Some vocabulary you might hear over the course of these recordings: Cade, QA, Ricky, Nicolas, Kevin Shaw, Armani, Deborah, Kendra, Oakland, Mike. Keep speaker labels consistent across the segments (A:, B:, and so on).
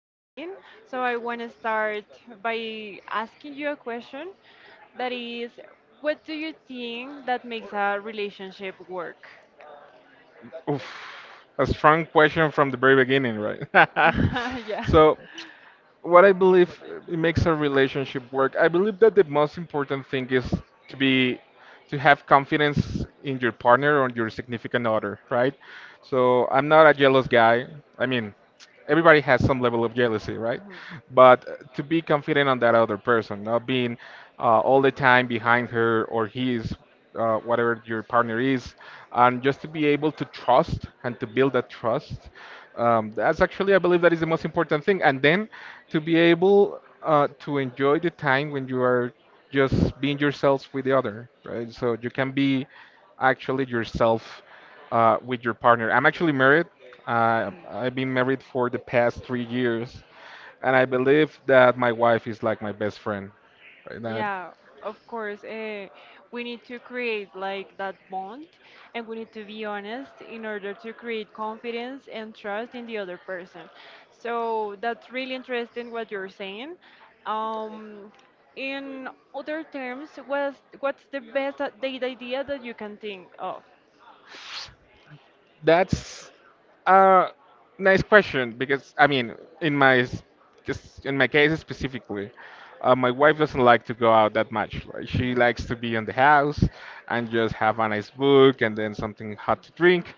A: dating. So I want to start by asking you a question that is, what do you think that makes a relationship work?
B: Oof, a strong question from the very beginning, right?
A: Yeah.
B: So what I believe it makes a relationship work. I believe that the most important thing is to be to have confidence in your partner or your significant other, right? So I'm not a jealous guy. I mean, everybody has some level of jealousy, right? But to be confident on that other person, not being all the time behind her or his whatever your partner is, and just to be able to trust and to build that trust. That's actually, I believe, that is the most important thing. And then to be able to enjoy the time when you are just being yourselves with the other, right? So you can be actually yourself with your partner. I'm actually married. I've been married for the past 3 years, and I believe that my wife is like my best friend. Right? That,
A: Yeah, of course. We need to create like that bond and we need to be honest in order to create confidence and trust in the other person. So that's really interesting what you're saying. Um, in other terms, what's the best the idea that you can think of?
B: that's uh, nice question because I mean, in my s- just in my case specifically, my wife doesn't like to go out that much. Like she likes to be in the house and just have a nice book and then something hot to drink.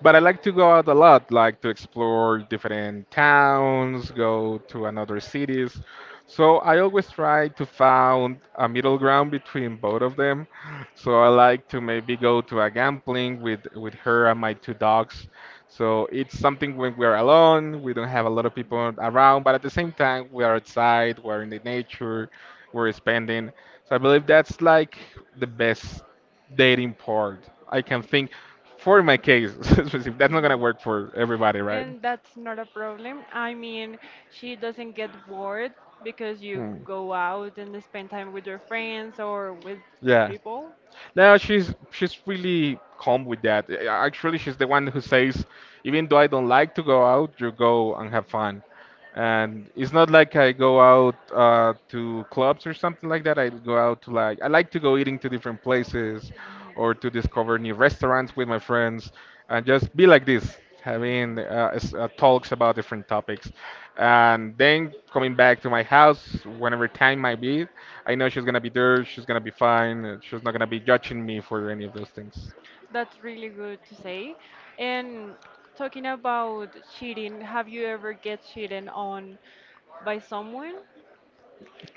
B: But I like to go out a lot, like to explore different towns, go to another cities. So I always try to find a middle ground between both of them. So I like to maybe go to a gambling with her and my two dogs, so it's something when we are alone, we don't have a lot of people around, but at the same time, we are outside, we're in the nature, we're spending. So I believe that's like the best dating part. I can think for my case, that's not gonna
A: Mhm.
B: work for everybody, right?
A: And that's not a problem. I mean, she doesn't get bored because you
B: Hmm.
A: go out and spend time with your friends or with
B: Yeah.
A: people.
B: No, she's really calm with that. Actually, she's the one who says, even though I don't like to go out, you go and have fun. And it's not like I go out to clubs or something like that. I go out to I like to go eating to different places, or to discover new restaurants with my friends, and just be like this, having talks about different topics and then coming back to my house whenever time might be. I know she's gonna be there, she's gonna be fine. She's not gonna be judging me for any of those things.
A: That's really good to say. And talking about cheating, have you ever get cheated on by someone?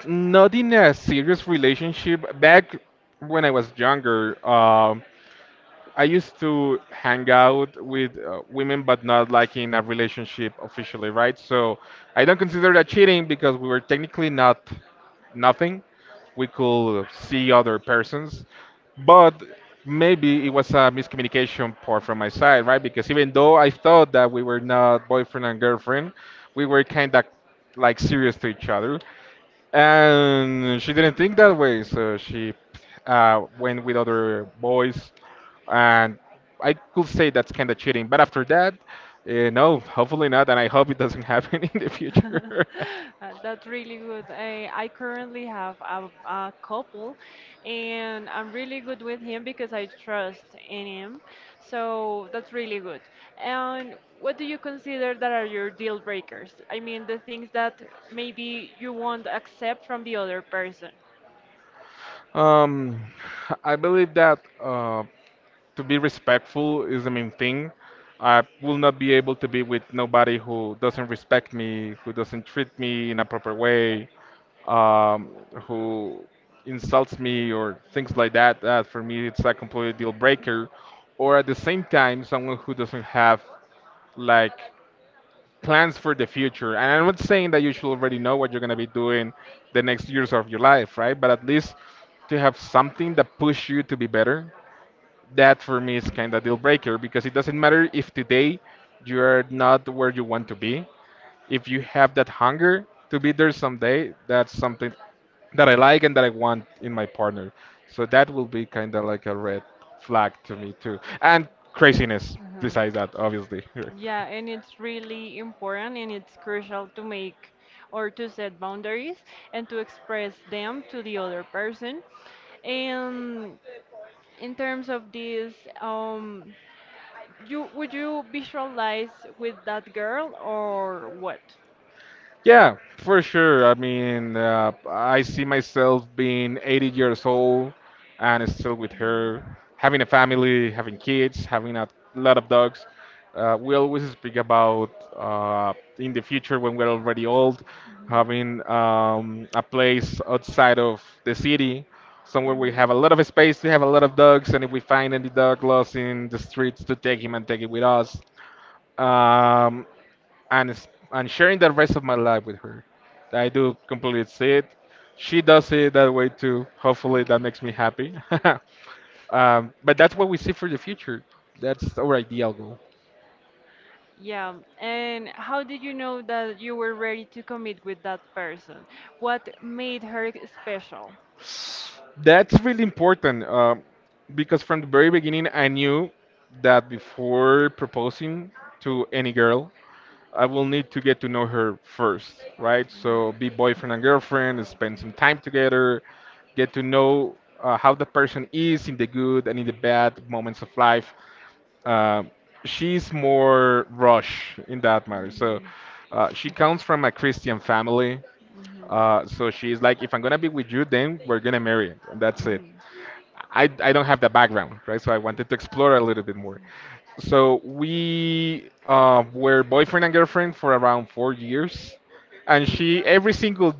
B: Not in a serious relationship. Back when I was younger, I used to hang out with women, but not like in a relationship officially, right? So I don't consider that cheating because we were technically not nothing. We could see other persons, but maybe it was a miscommunication part from my side, right? Because even though I thought that we were not boyfriend and girlfriend, we were kind of like serious to each other. And she didn't think that way, so she went with other boys, and I could say that's kind of cheating. But after that, no, hopefully not, and I hope it doesn't happen in the future.
A: That's really good. I currently have a couple, and I'm really good with him because I trust in him. So that's really good. And what do you consider that are your deal breakers? I mean, the things that maybe you won't accept from the other person.
B: Um, I believe that to be respectful is the main thing. I will not be able to be with nobody who doesn't respect me, who doesn't treat me in a proper way, um, who insults me or things like that. That for me it's a complete deal breaker. Or at the same time, someone who doesn't have like plans for the future. And I'm not saying that you should already know what you're gonna be doing the next years of your life, right? But at least to have something that push you to be better. That for me is kind of deal breaker, because it doesn't matter if today you're not where you want to be. If you have that hunger to be there someday, that's something that I like and that I want in my partner. So that will be kind of like a red flag to me too. And craziness
A: Mhm.
B: besides that, obviously.
A: Yeah, and it's really important and it's crucial to make or to set boundaries and to express them to the other person. And in terms of this, um, You would you visualize with that girl or what?
B: Yeah, for sure. I mean, I see myself being 80 years old and still with her, having a family, having kids, having a lot of dogs. We always speak about uh, in the future when we're already old, having a place outside of the city, somewhere we
A: Mhm.
B: have a lot
A: Mhm.
B: of space to have a lot of dogs, and if we find any dog lost in the streets, to take him and take it with us. Um, and sharing the rest of my life with her. I do completely see it. She does see it that way too. Hopefully,
A: Mm.
B: that makes me happy. But that's what we see for the future. That's our ideal goal.
A: Yeah, and how did you know that you were ready to commit with that person? What made her special?
B: That's really important, because from the very beginning, I knew that before proposing to any girl, I will need to get to know her first, right? So be boyfriend and girlfriend, spend some time together, get to know how the person is in the good and in the bad moments of life. Uh, she's more rush in that matter. So she comes from a Christian family. So she's like, if I'm gonna be with you, then we're gonna marry, and that's it. I don't have that background, right? So I wanted to explore a little bit more. So we were boyfriend and girlfriend for around 4 years, and she every single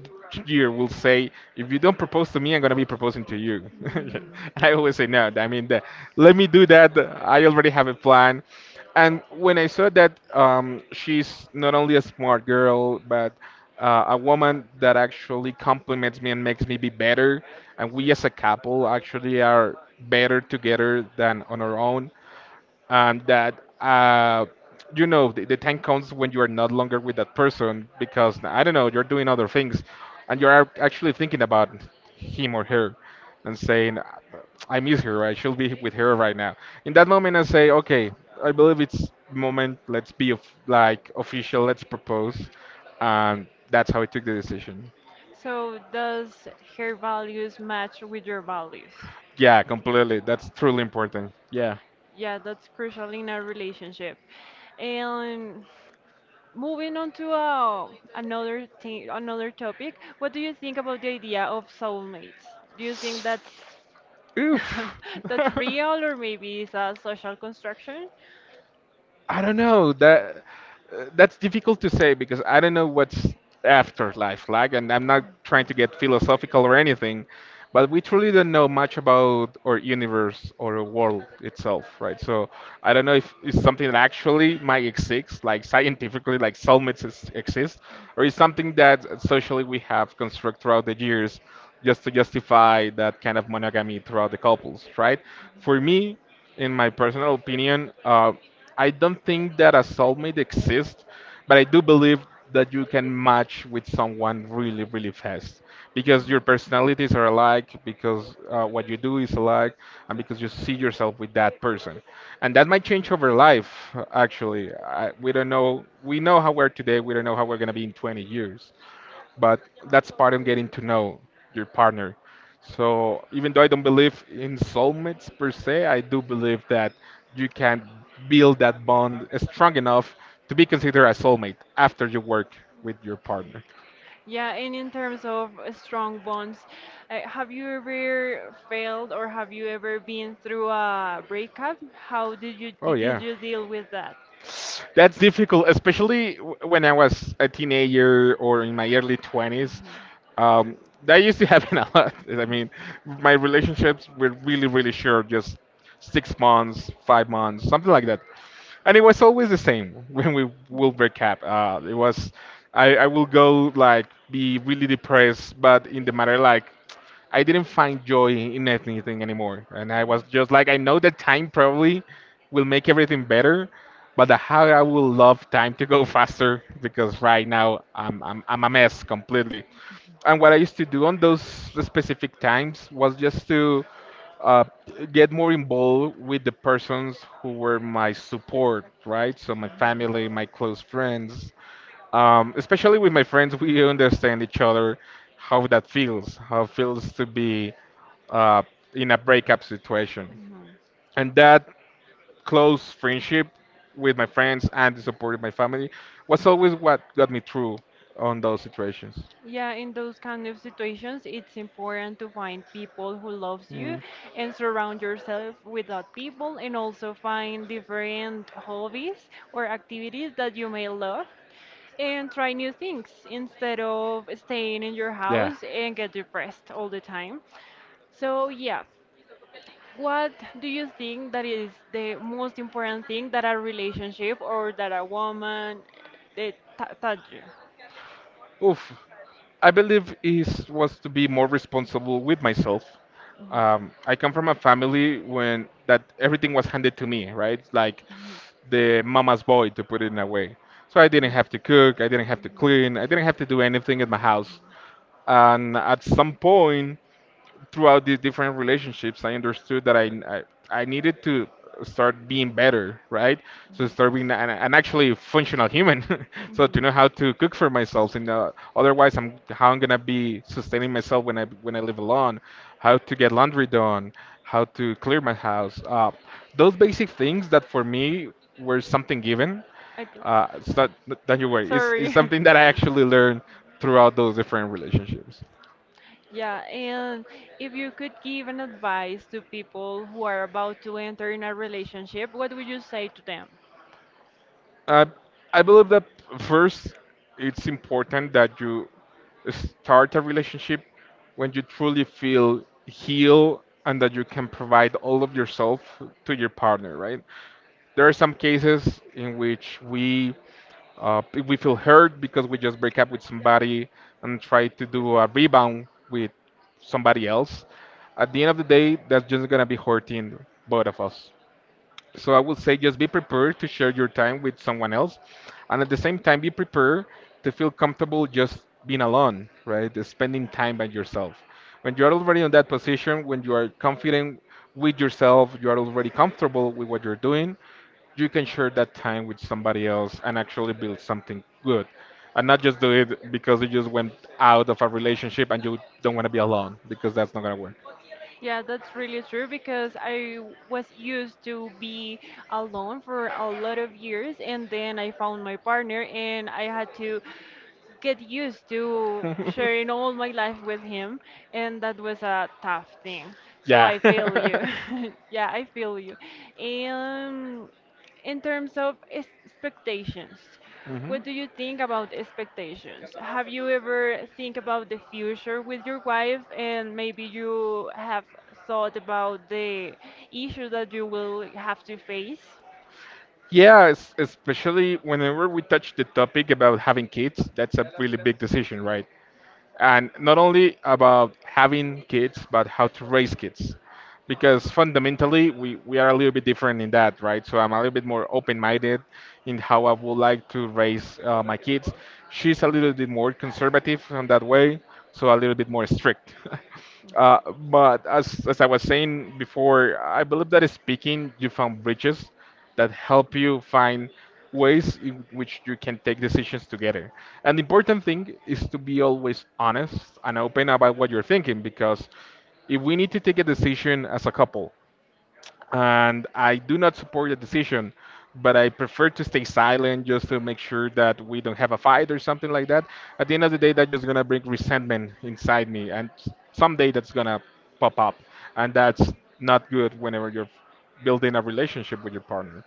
B: year will say, "If you don't propose to me, I'm gonna be proposing to you." And
A: Hmm.
B: I always say no. I mean, let me do that. I already have a plan. And when I saw that she's not only a smart girl, but a woman that actually compliments me and makes me be better, and we as a couple actually are better together than on our own, and that uh, the time comes when you are not longer with that person because I don't know, you're doing other things, and you are actually thinking about him or her, and saying, "I miss her. I should be with her right now." In that moment, I say, "Okay, I believe it's moment. Let's be like official. Let's propose," and that's how I took the decision.
A: So does her values match with your values?
B: Yeah, completely. That's
A: Wow.
B: truly important. Yeah.
A: Yeah, that's crucial in a relationship. And moving on to another thing, another topic, what do you think about the idea of soulmates? Do you think that
B: Oof.
A: that's real, or maybe it's a social construction.
B: I don't know that that's difficult to say because I don't know what's afterlife like, and I'm not trying to get philosophical or anything, but we truly don't know much about our universe or our world itself, right? So I don't know if it's something that actually might exist, like scientifically, like soulmates is, exist, or it's something that socially we have constructed throughout the years just to justify that kind of monogamy throughout the couples, right? For me, in my personal opinion, I don't think that a soulmate exists, but I do believe that you can match with someone really, really fast because your personalities are alike, because what you do is alike, and because you see yourself with that person. And that might change over life, actually. We don't know. We know how we're today, we don't know how we're going to be in 20 years, but that's part of getting to know your partner. So even though I don't believe in soulmates per se, I do believe that you can build that bond strong enough to be considered a soulmate after you work with your partner.
A: Yeah, and in terms of strong bonds, have you ever failed or have you ever been through a breakup? How did you
B: Oh
A: did
B: yeah.
A: you deal with that?
B: That's difficult, especially when I was a teenager or in my early 20s. Um, that used to happen a lot. I mean, my relationships were really, really short, just 6 months, 5 months, something like that. And it was always the same when we will break up. I will go like be really depressed, but in the matter like I didn't find joy in anything anymore. And I was just like, I know that time probably will make everything better, but the how I will love time to go faster because right now I'm a mess completely. And what I used to do on those specific times was just to uh, get more involved with the persons who were my support, right? So my family, my close friends, especially with my friends, we understand each other how that feels, how it feels to be uh, in a breakup situation. And that close friendship with my friends and the support of my family was always what got me through on those situations.
A: Yeah, in those kind of situations, it's important to find people who loves you
B: Mm.
A: and surround yourself with that people and also find different hobbies or activities that you may love and try new things instead of staying in your
B: Yeah.
A: house and get depressed all the time. So, yeah, what do you think that is the most important thing that a relationship or that a woman taught you?
B: Oof. I believe it was to be more responsible with myself. I come from a family when that everything was handed to me, right? Like the mama's boy, to put it in a way. So I didn't have to cook, I didn't have to clean, I didn't have to do anything in my house. And at some point, throughout these different relationships, I understood that I needed to start being better, right? So start being an actually functional human, so to know how to cook for myself. And otherwise, I'm how I'm gonna be sustaining myself when I live alone, how to get laundry done, how to clear my house. Those basic things that for me were something given.
A: I per-
B: It's not, don't you worry. It's
A: Sorry.
B: something that I actually learned throughout those different relationships.
A: Yeah, and if you could give an advice to people who are about to enter in a relationship, what would you say to them?
B: I I believe that first it's important that you start a relationship when you truly feel healed and that you can provide all of yourself to your partner, right? There are some cases in which uh, we feel hurt because we just break up with somebody and try to do a rebound with somebody else. At the end of the day, that's just gonna be hurting both of us. So I would say just be prepared to share your time with someone else, and at the same time be prepared to feel comfortable just being alone, right? Just spending time by yourself. When you are already in that position, when you are confident with yourself, you are already comfortable with what you're doing, you can share that time with somebody else and actually build something good. And not just do it because you just went out of a relationship and you don't want to be alone because that's not going
A: Yeah, that's really true because I was used to be alone for a lot of years and then I found my partner and I had to get used to
B: to work.
A: sharing all my life with him and that was a tough thing. So
B: Yeah.
A: I feel you. Yeah, I feel you. And in terms of expectations, what
B: Mhm.
A: do you think about expectations? Have you ever think about the future with your wife and maybe you have thought about the issues that you will have to face?
B: Yeah, especially whenever we touch the topic about having kids, that's a really big decision, right? And not only about having kids, but how to raise kids. Because fundamentally, we are a little bit different in that, right? So I'm a little bit more open-minded in how I would like to raise my kids. She's a little bit more conservative on that way, so a little bit more strict. But as I was saying before, I believe that speaking, you found bridges that help you find ways in which you can take decisions together. And the important thing is to be always honest and open about what you're thinking, because if we need to take a decision as a couple and I do not support the decision, but I prefer to stay silent just to make sure that we don't have a fight or something like that. At the end of the day, that's just gonna bring resentment inside me, and someday that's gonna pop up, and that's not good whenever you're building a relationship with your partner.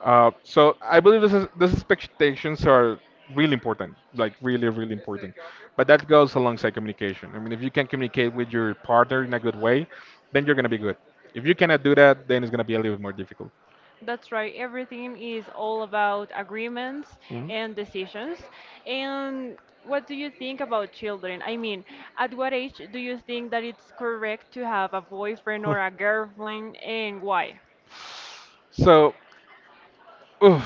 B: So I believe these expectations are really important, like really, really important. But that goes alongside communication. I mean, if you can communicate with your partner in a good way, then you're gonna be good. If you cannot do that, then it's gonna be a little bit more difficult.
A: That's right. Everything is all about agreements
B: Mhm.
A: and decisions. And what do you think about children? I mean, at what age do you think that it's correct to have a boyfriend or a girlfriend and why?
B: So, oof,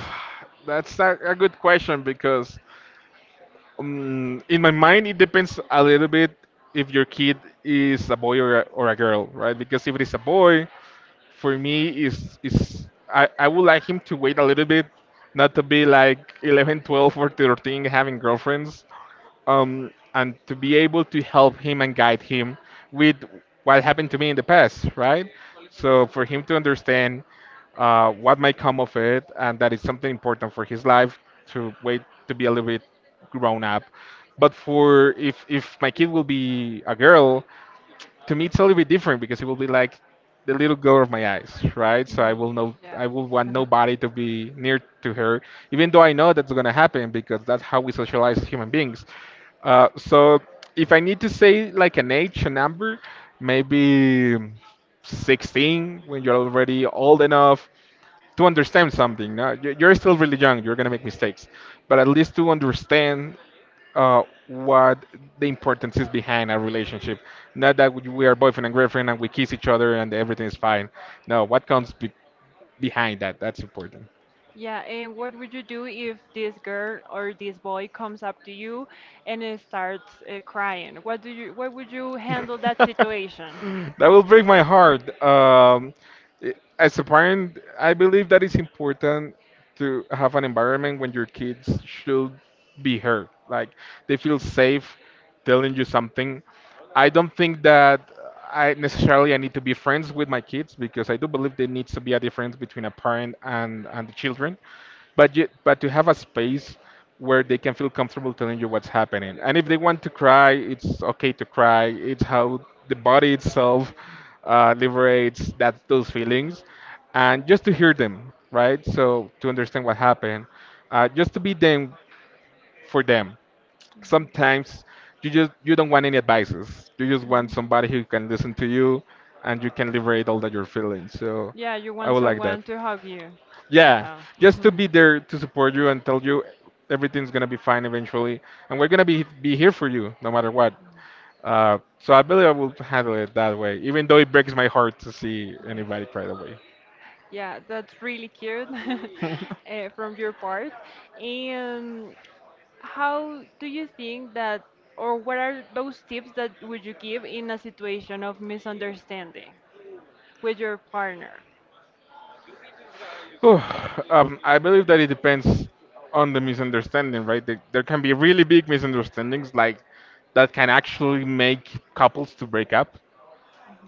B: that's a good question because in my mind, it depends a little bit if your kid is a boy or or a girl, right? Because if it is a boy, for me I would like him to wait a little bit, not to be like 11, 12, or 13 having girlfriends, and to be able to help him and guide him with what happened to me in the past, right? So for him to understand what might come of it, and that is something important for his life to wait to be a little bit grown up. But for if my kid will be a girl, to me it's a little bit different because it will be like the little girl of my eyes, right? So
A: Hmm. Yeah.
B: I will want nobody to be near to her, even though I know that's gonna happen because that's how we socialize as human beings. So if I need to say like an age, a number, maybe 16, when you're already old enough to understand something. No, you're still really young. You're gonna make mistakes, but at least to understand what the importance is behind a relationship. Not that we are boyfriend and girlfriend and we kiss each other and everything is fine. No, what comes be behind that? That's important.
A: Yeah, and what would you do if this girl or this boy comes up to you and starts crying? What would you handle that situation?
B: That will break my heart. As a parent, I believe that it's important to have an environment when your kids should be heard. Like they feel safe telling you something. I don't think that I necessarily I need to be friends with my kids, because I do believe there needs to be a difference between a parent and the children, but to have a space where they can feel comfortable telling you what's happening. And if they want to cry, it's okay to cry. It's how the body itself liberates that those feelings, and just to hear them, right? So to understand what happened. Just to be them For them, sometimes you don't want any advices, you just want somebody who can listen to you and you can liberate all that you're feeling. So
A: Yeah, you
B: I
A: want
B: would like that,
A: someone to hug you.
B: yeah,
A: Yeah.
B: just to be there to support you and tell you everything's gonna be fine eventually, and we're gonna be here for you no matter what.
A: Mhm.
B: So I believe I will handle it that way, even though it breaks my heart to see anybody cry that way.
A: Yeah, that's really cute from your part. And how do you think that, or what are those tips that would you give in a situation of misunderstanding with your partner?
B: Whew, I believe that it depends on the misunderstanding, right? There can be really big misunderstandings like that can actually make couples to break up.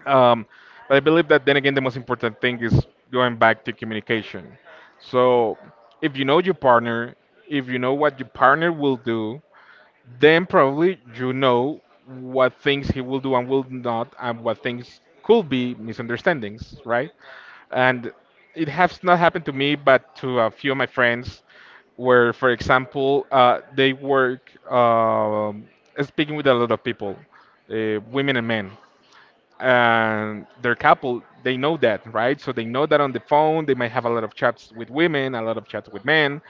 B: Um, but I believe that then again, the most important thing is going back to communication. So if you know your partner, if you know what your partner will do, then probably you know what things he will do and will not, and what things could be misunderstandings, right? And it has not happened to me, but to a few of my friends, where, for example, they work, speaking with a lot of people, women and men, and their couple, they know that, right? So they know that on the phone they might have a lot of chats with women, a lot of chats with men.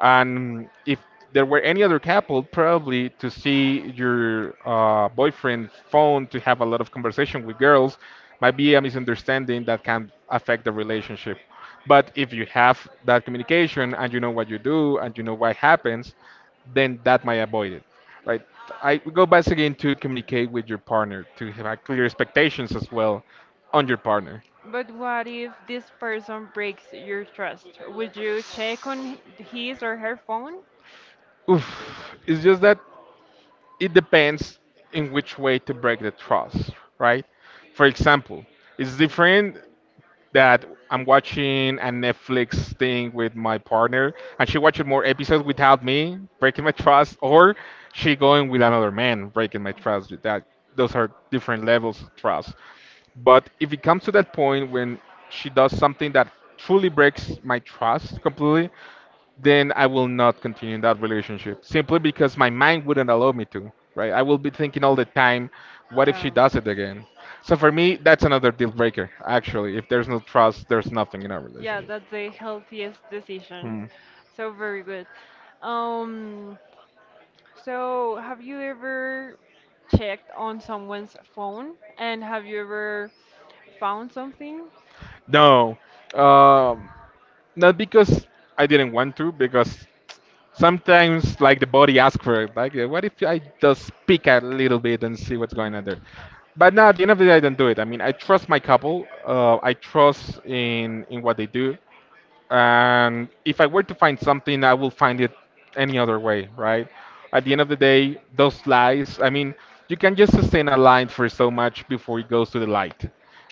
B: And if there were any other couple, probably to see your boyfriend's phone to have a lot of conversation with girls might be a misunderstanding that can affect the relationship. But if you have that communication and you know what you do and you know what happens, then that might avoid it. Right. I We go back again to communicate with your partner, to have clear expectations as well on your partner.
A: But what if this person breaks your trust? Would you check on his or her phone?
B: Oof. It's just that it depends in which way to break the trust, right? For example, it's different that I'm watching a Netflix thing with my partner, and she watching more episodes without me breaking my trust, or she going with another man breaking my trust. That Those are different levels of trust. But if it comes to that point when she does something that truly breaks my trust completely, then I will not continue in that relationship simply because my mind wouldn't allow me to, right? I will be thinking all the time, what if she
A: Yeah.
B: does it again? So for me, that's another deal breaker, actually. If there's no trust, there's nothing in our
A: Yeah,
B: relationship.
A: that's the healthiest decision.
B: Hmm.
A: So very good. Um, So, have you ever checked on someone's phone and have you ever found something?
B: No, um, not because I didn't want to, because sometimes like the body asks for it. Like, what if I just peek a little bit and see what's going on there? But no, at the end of the day, I don't do it. I mean, I trust my couple. I trust in what they do. And if I were to find something, I will find it any other way, right? At the end of the day, those lies, I mean, you can just sustain a line for so much before it goes to the light,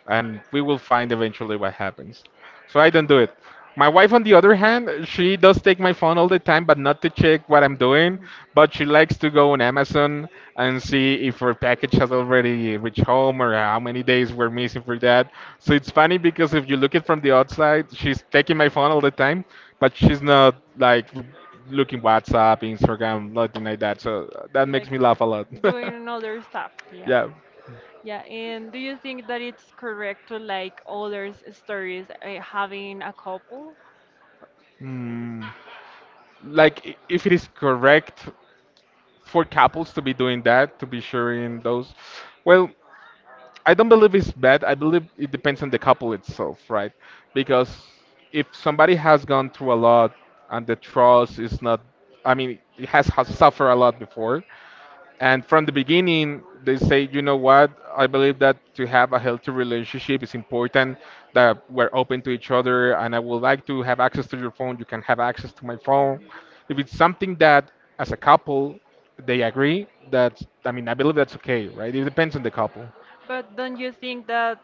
B: and we will find eventually what happens. So I don't do it. My wife, on the other hand, she does take my phone all the time, but not to check what I'm doing, but she likes to go on Amazon and see if her package has already reached home or how many days we're missing for that. So it's funny because if you look it from the outside, she's taking my phone all the time, but she's not like looking WhatsApp, Instagram, nothing like that. So that makes me laugh a lot.
A: Doing other stuff, yeah. Yeah.
B: Yeah.
A: Yeah, and do you think that it's correct to like others' stories having a couple?
B: Hmm. Like if it is correct for couples to be doing that, to be sharing those, well. I don't believe it's bad. I believe it depends on the couple itself, right? Because if somebody has gone through a lot and the trust is not, I mean, it has suffered a lot before, and from the beginning they say, you know what? I believe that to have a healthy relationship is important. That we're open to each other, and I would like to have access to your phone. You can have access to my phone. If it's something that, as a couple, they agree, that I mean, I believe that's okay, right? It depends on the couple.
A: But don't you think that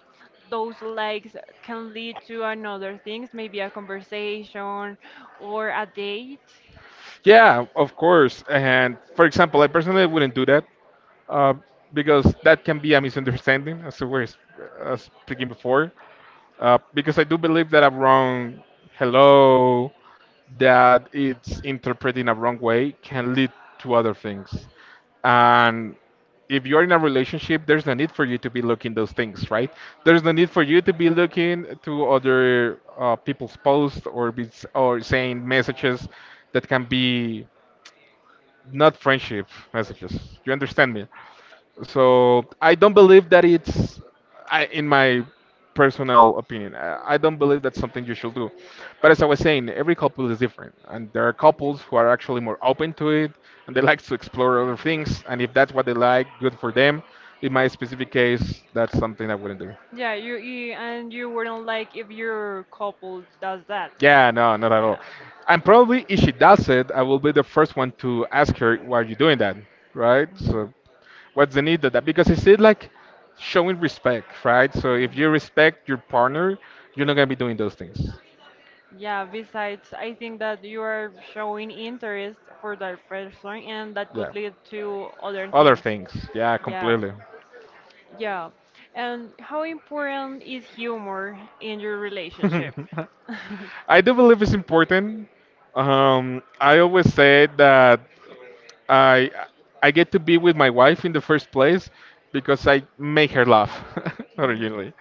A: those likes can lead to another things, maybe a conversation or a date?
B: Yeah, of course. And for example, I personally wouldn't do that, uh, because that can be a misunderstanding, as we were speaking before. Because I do believe that a wrong hello, that it's interpreting a wrong way, can lead to other things. And if you're in a relationship, there's no need for you to be looking those things, right? There's no need for you to be looking to other people's posts or or saying messages that can be not friendship messages. You understand me? So I don't believe that it's, I, in my personal opinion, I don't believe that's something you should do. But as I was saying, every couple is different, and there are couples who are actually more open to it, and they like to explore other things. And if that's what they like, good for them. In my specific case, that's something I wouldn't do.
A: Yeah, you wouldn't like if your couple does that.
B: Yeah, no, not at
A: Yeah.
B: all. And probably if she does it, I will be the first one to ask her, why are you doing that? Right? So what's the need of that? Because it's it like showing respect, right? So if you respect your partner, you're not gonna be doing those things.
A: Yeah, besides, I think that you are showing interest for that person and that
B: Yeah.
A: could lead to other
B: Other
A: things.
B: things. Yeah,
A: Yeah.
B: completely.
A: Yeah. And how important is humor in your relationship?
B: I do believe it's important. I always say that I I get to be with my wife in the first place because I make her laugh
A: Mhm.
B: originally.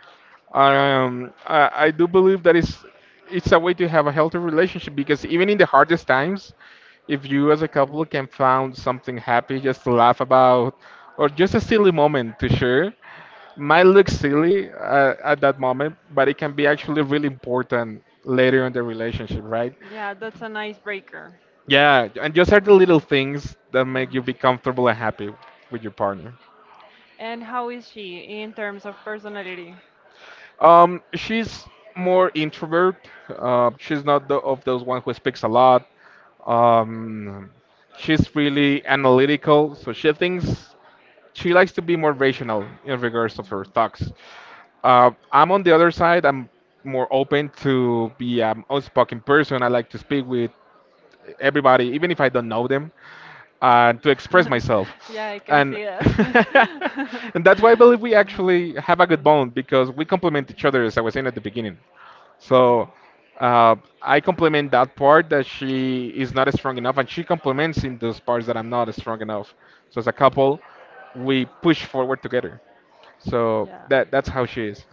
B: I do believe that it's a way to have a healthy relationship because even in the hardest times, if you as a couple can find something happy just to laugh about or just a silly moment to share, might look silly at that moment, but it can be actually really important later in the relationship, right?
A: Yeah, that's an icebreaker.
B: Yeah, and just are the little
A: Mhm.
B: things that make you
A: Mhm.
B: be comfortable and happy with your partner.
A: And how is she in terms of personality?
B: She's more introvert. She's not the, of those one who speaks a lot. Um, she's really analytical, so she thinks she likes to be more rational in regards of her thoughts. I'm on the other side. I'm more open to be an outspoken person. I like to speak with everybody, even if I don't know them, to express myself.
A: Yeah, I can
B: And
A: see that.
B: and that's why I believe we actually have a good
A: Uh-huh.
B: bond because we complement each other, as I was saying at the beginning. So, uh, I compliment that part that she is not strong enough, and she compliments in those parts that I'm not strong enough. So as a couple, we push forward together. So
A: Yeah. Yeah.
B: that's how she is.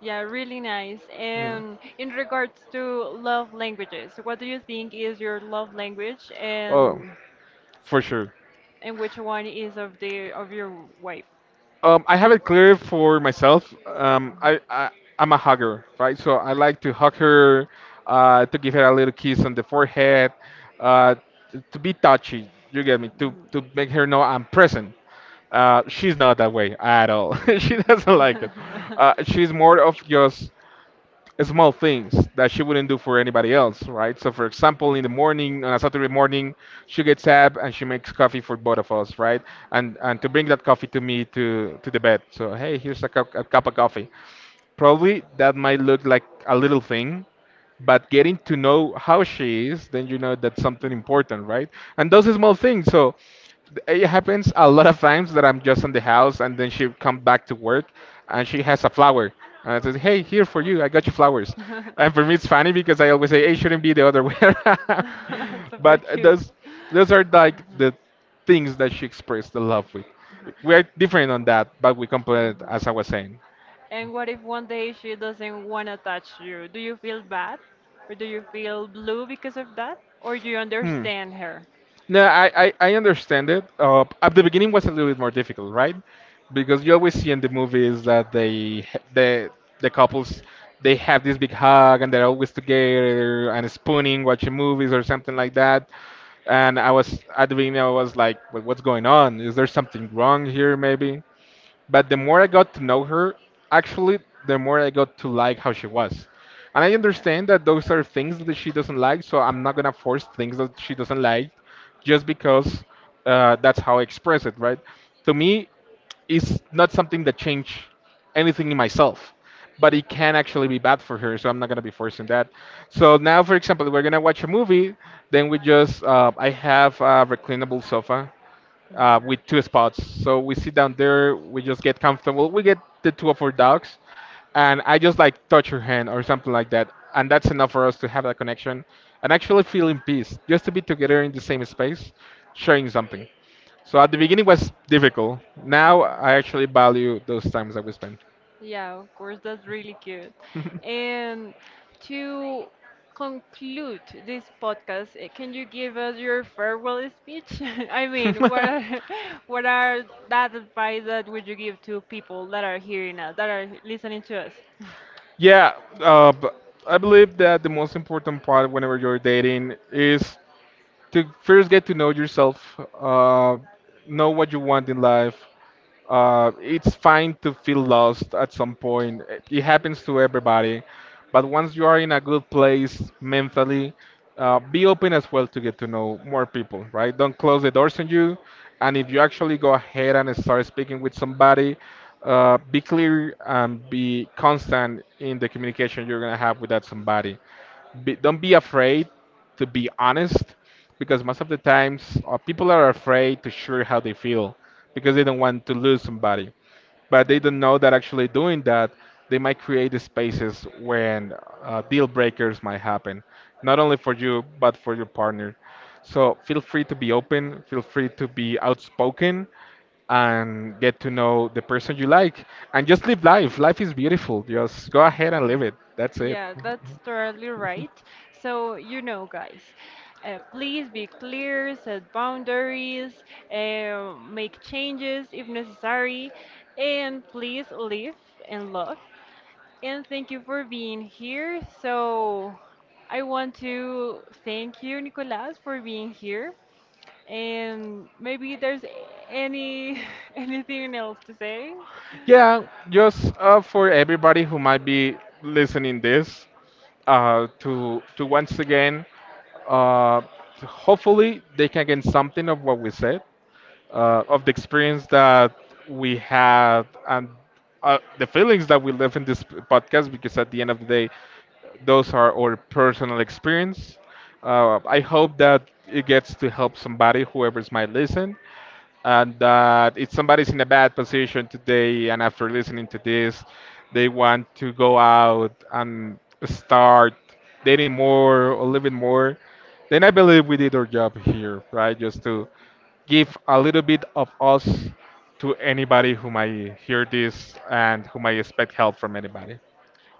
A: Yeah, really nice.
B: Mm.
A: And in regards to love languages, what do you think is your love language
B: Oh, for sure.
A: and which one is of the of your wife?
B: I, have it clear for myself. I, I'm a hugger, right? So I like to hug her, to give her a little kiss on the forehead, uh, to be touchy. You get me? To make her know I'm present. She's not that way at all. she doesn't like it. She's more of just small things that she wouldn't do for anybody else, right? So, for example, in the morning, on a Saturday morning, she gets up and she makes coffee for both of us, right? And to bring that coffee to me to the bed. So, hey, here's a cup of coffee. Probably that might look like a little thing, but getting to know how she is, then you know that's something
A: Mhm.
B: important, right? And those are small things. So it happens a lot of times that I'm just in the house and then she come back to work
A: Mhm.
B: and she has a flower. And I says, hey, here for you. I got you flowers. And for me, it's funny because I always say, hey, it shouldn't be the other way around.
A: It's super
B: But
A: cute.
B: those are like
A: Mhm.
B: the things that she expressed the love with. We're different on that, but we
A: Uh-huh.
B: complement, as
A: Uh-huh.
B: I was saying.
A: And what if one day she doesn't want to touch you? Do you feel bad? Or do you feel blue because of that? Or do you
B: Hmm.
A: understand her?
B: No, I understand it. At the beginning was a little bit more difficult, right? Because you always see in the movies that the the couples they have this big hug and they're always together and spooning, watching movies or something like that. And I was at the beginning I was like, well, what's going on? Is there something wrong here maybe? But the more I got to know her, actually, the more I got to like how she was. And I understand that those are things that she doesn't like, so I'm not gonna force things that she doesn't like just because that's how I express it, right? To me, it's not something that changed anything in myself, but it can actually be bad for her, so I'm not gonna be forcing that. So now, for example, we're gonna watch a movie, then we just, I have a reclinable sofa with two spots. So we sit down there, we just get comfortable. We get the two of our dogs, and I just like touch her hand or something like that, and that's enough for us to have that connection and actually feel in peace, just to be together in the same space, sharing something. So at the beginning was difficult. Now I actually value those times that we spend.
A: Yeah, of course, that's really cute. And to conclude this podcast, can you give us your farewell speech? I mean, what are what are that advice that would you give to people that are hearing us, that are listening to us?
B: Yeah, uh, b- I believe that the most important part whenever you're dating is to first get to know yourself, know what you want in life, it's fine to feel lost at some point. It happens to everybody. But once you are in a good place mentally, be open as well to get to know more people, right? Don't close the doors on you. And if you actually go ahead and start speaking with somebody, be clear and be constant in the communication you're going to have with that somebody. Be, don't be afraid to be honest, because most of the times people are afraid to share how they feel because they don't want to lose somebody, but they don't know that actually doing that they might create the spaces when deal breakers might happen, not only for you but for your partner. So feel free to be open, feel free to be outspoken, and get to know the person you like, and just live life. Life is beautiful, just go ahead and
A: Yeah.
B: live it. That's it.
A: Yeah, that's totally right. So, you know, guys, please be clear, set boundaries, make changes if necessary, and please live and love. And thank you for being here. So, I want to thank you, Nicolas, for being here. And maybe there's any anything else to say?
B: Yeah, just for everybody who might be listening this, to once again, uh, hopefully they can get something of what we said, of the experience that we had, and the feelings that we live in this podcast, because at the end of the day those are our personal experience. I hope that it gets to help somebody whoever's might listen, and that if somebody's in a bad position today and after listening to this they want to go out and start dating more or living more, then I believe we did our job here, right? Just to give a little bit of us to anybody who might hear this and who might expect help from anybody.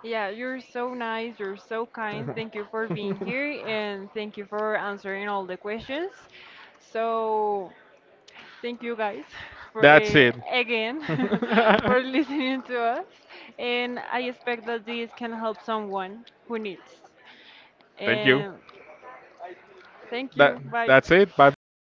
A: Yeah, you're so nice, you're so kind. Thank you for being here and thank you for answering all the questions. So, thank you guys for
B: That's it.
A: again for listening to us and I expect that this can help someone who needs.
B: Thank you.
A: And thank
B: That
A: you. Bye.
B: that's it. Bye bye.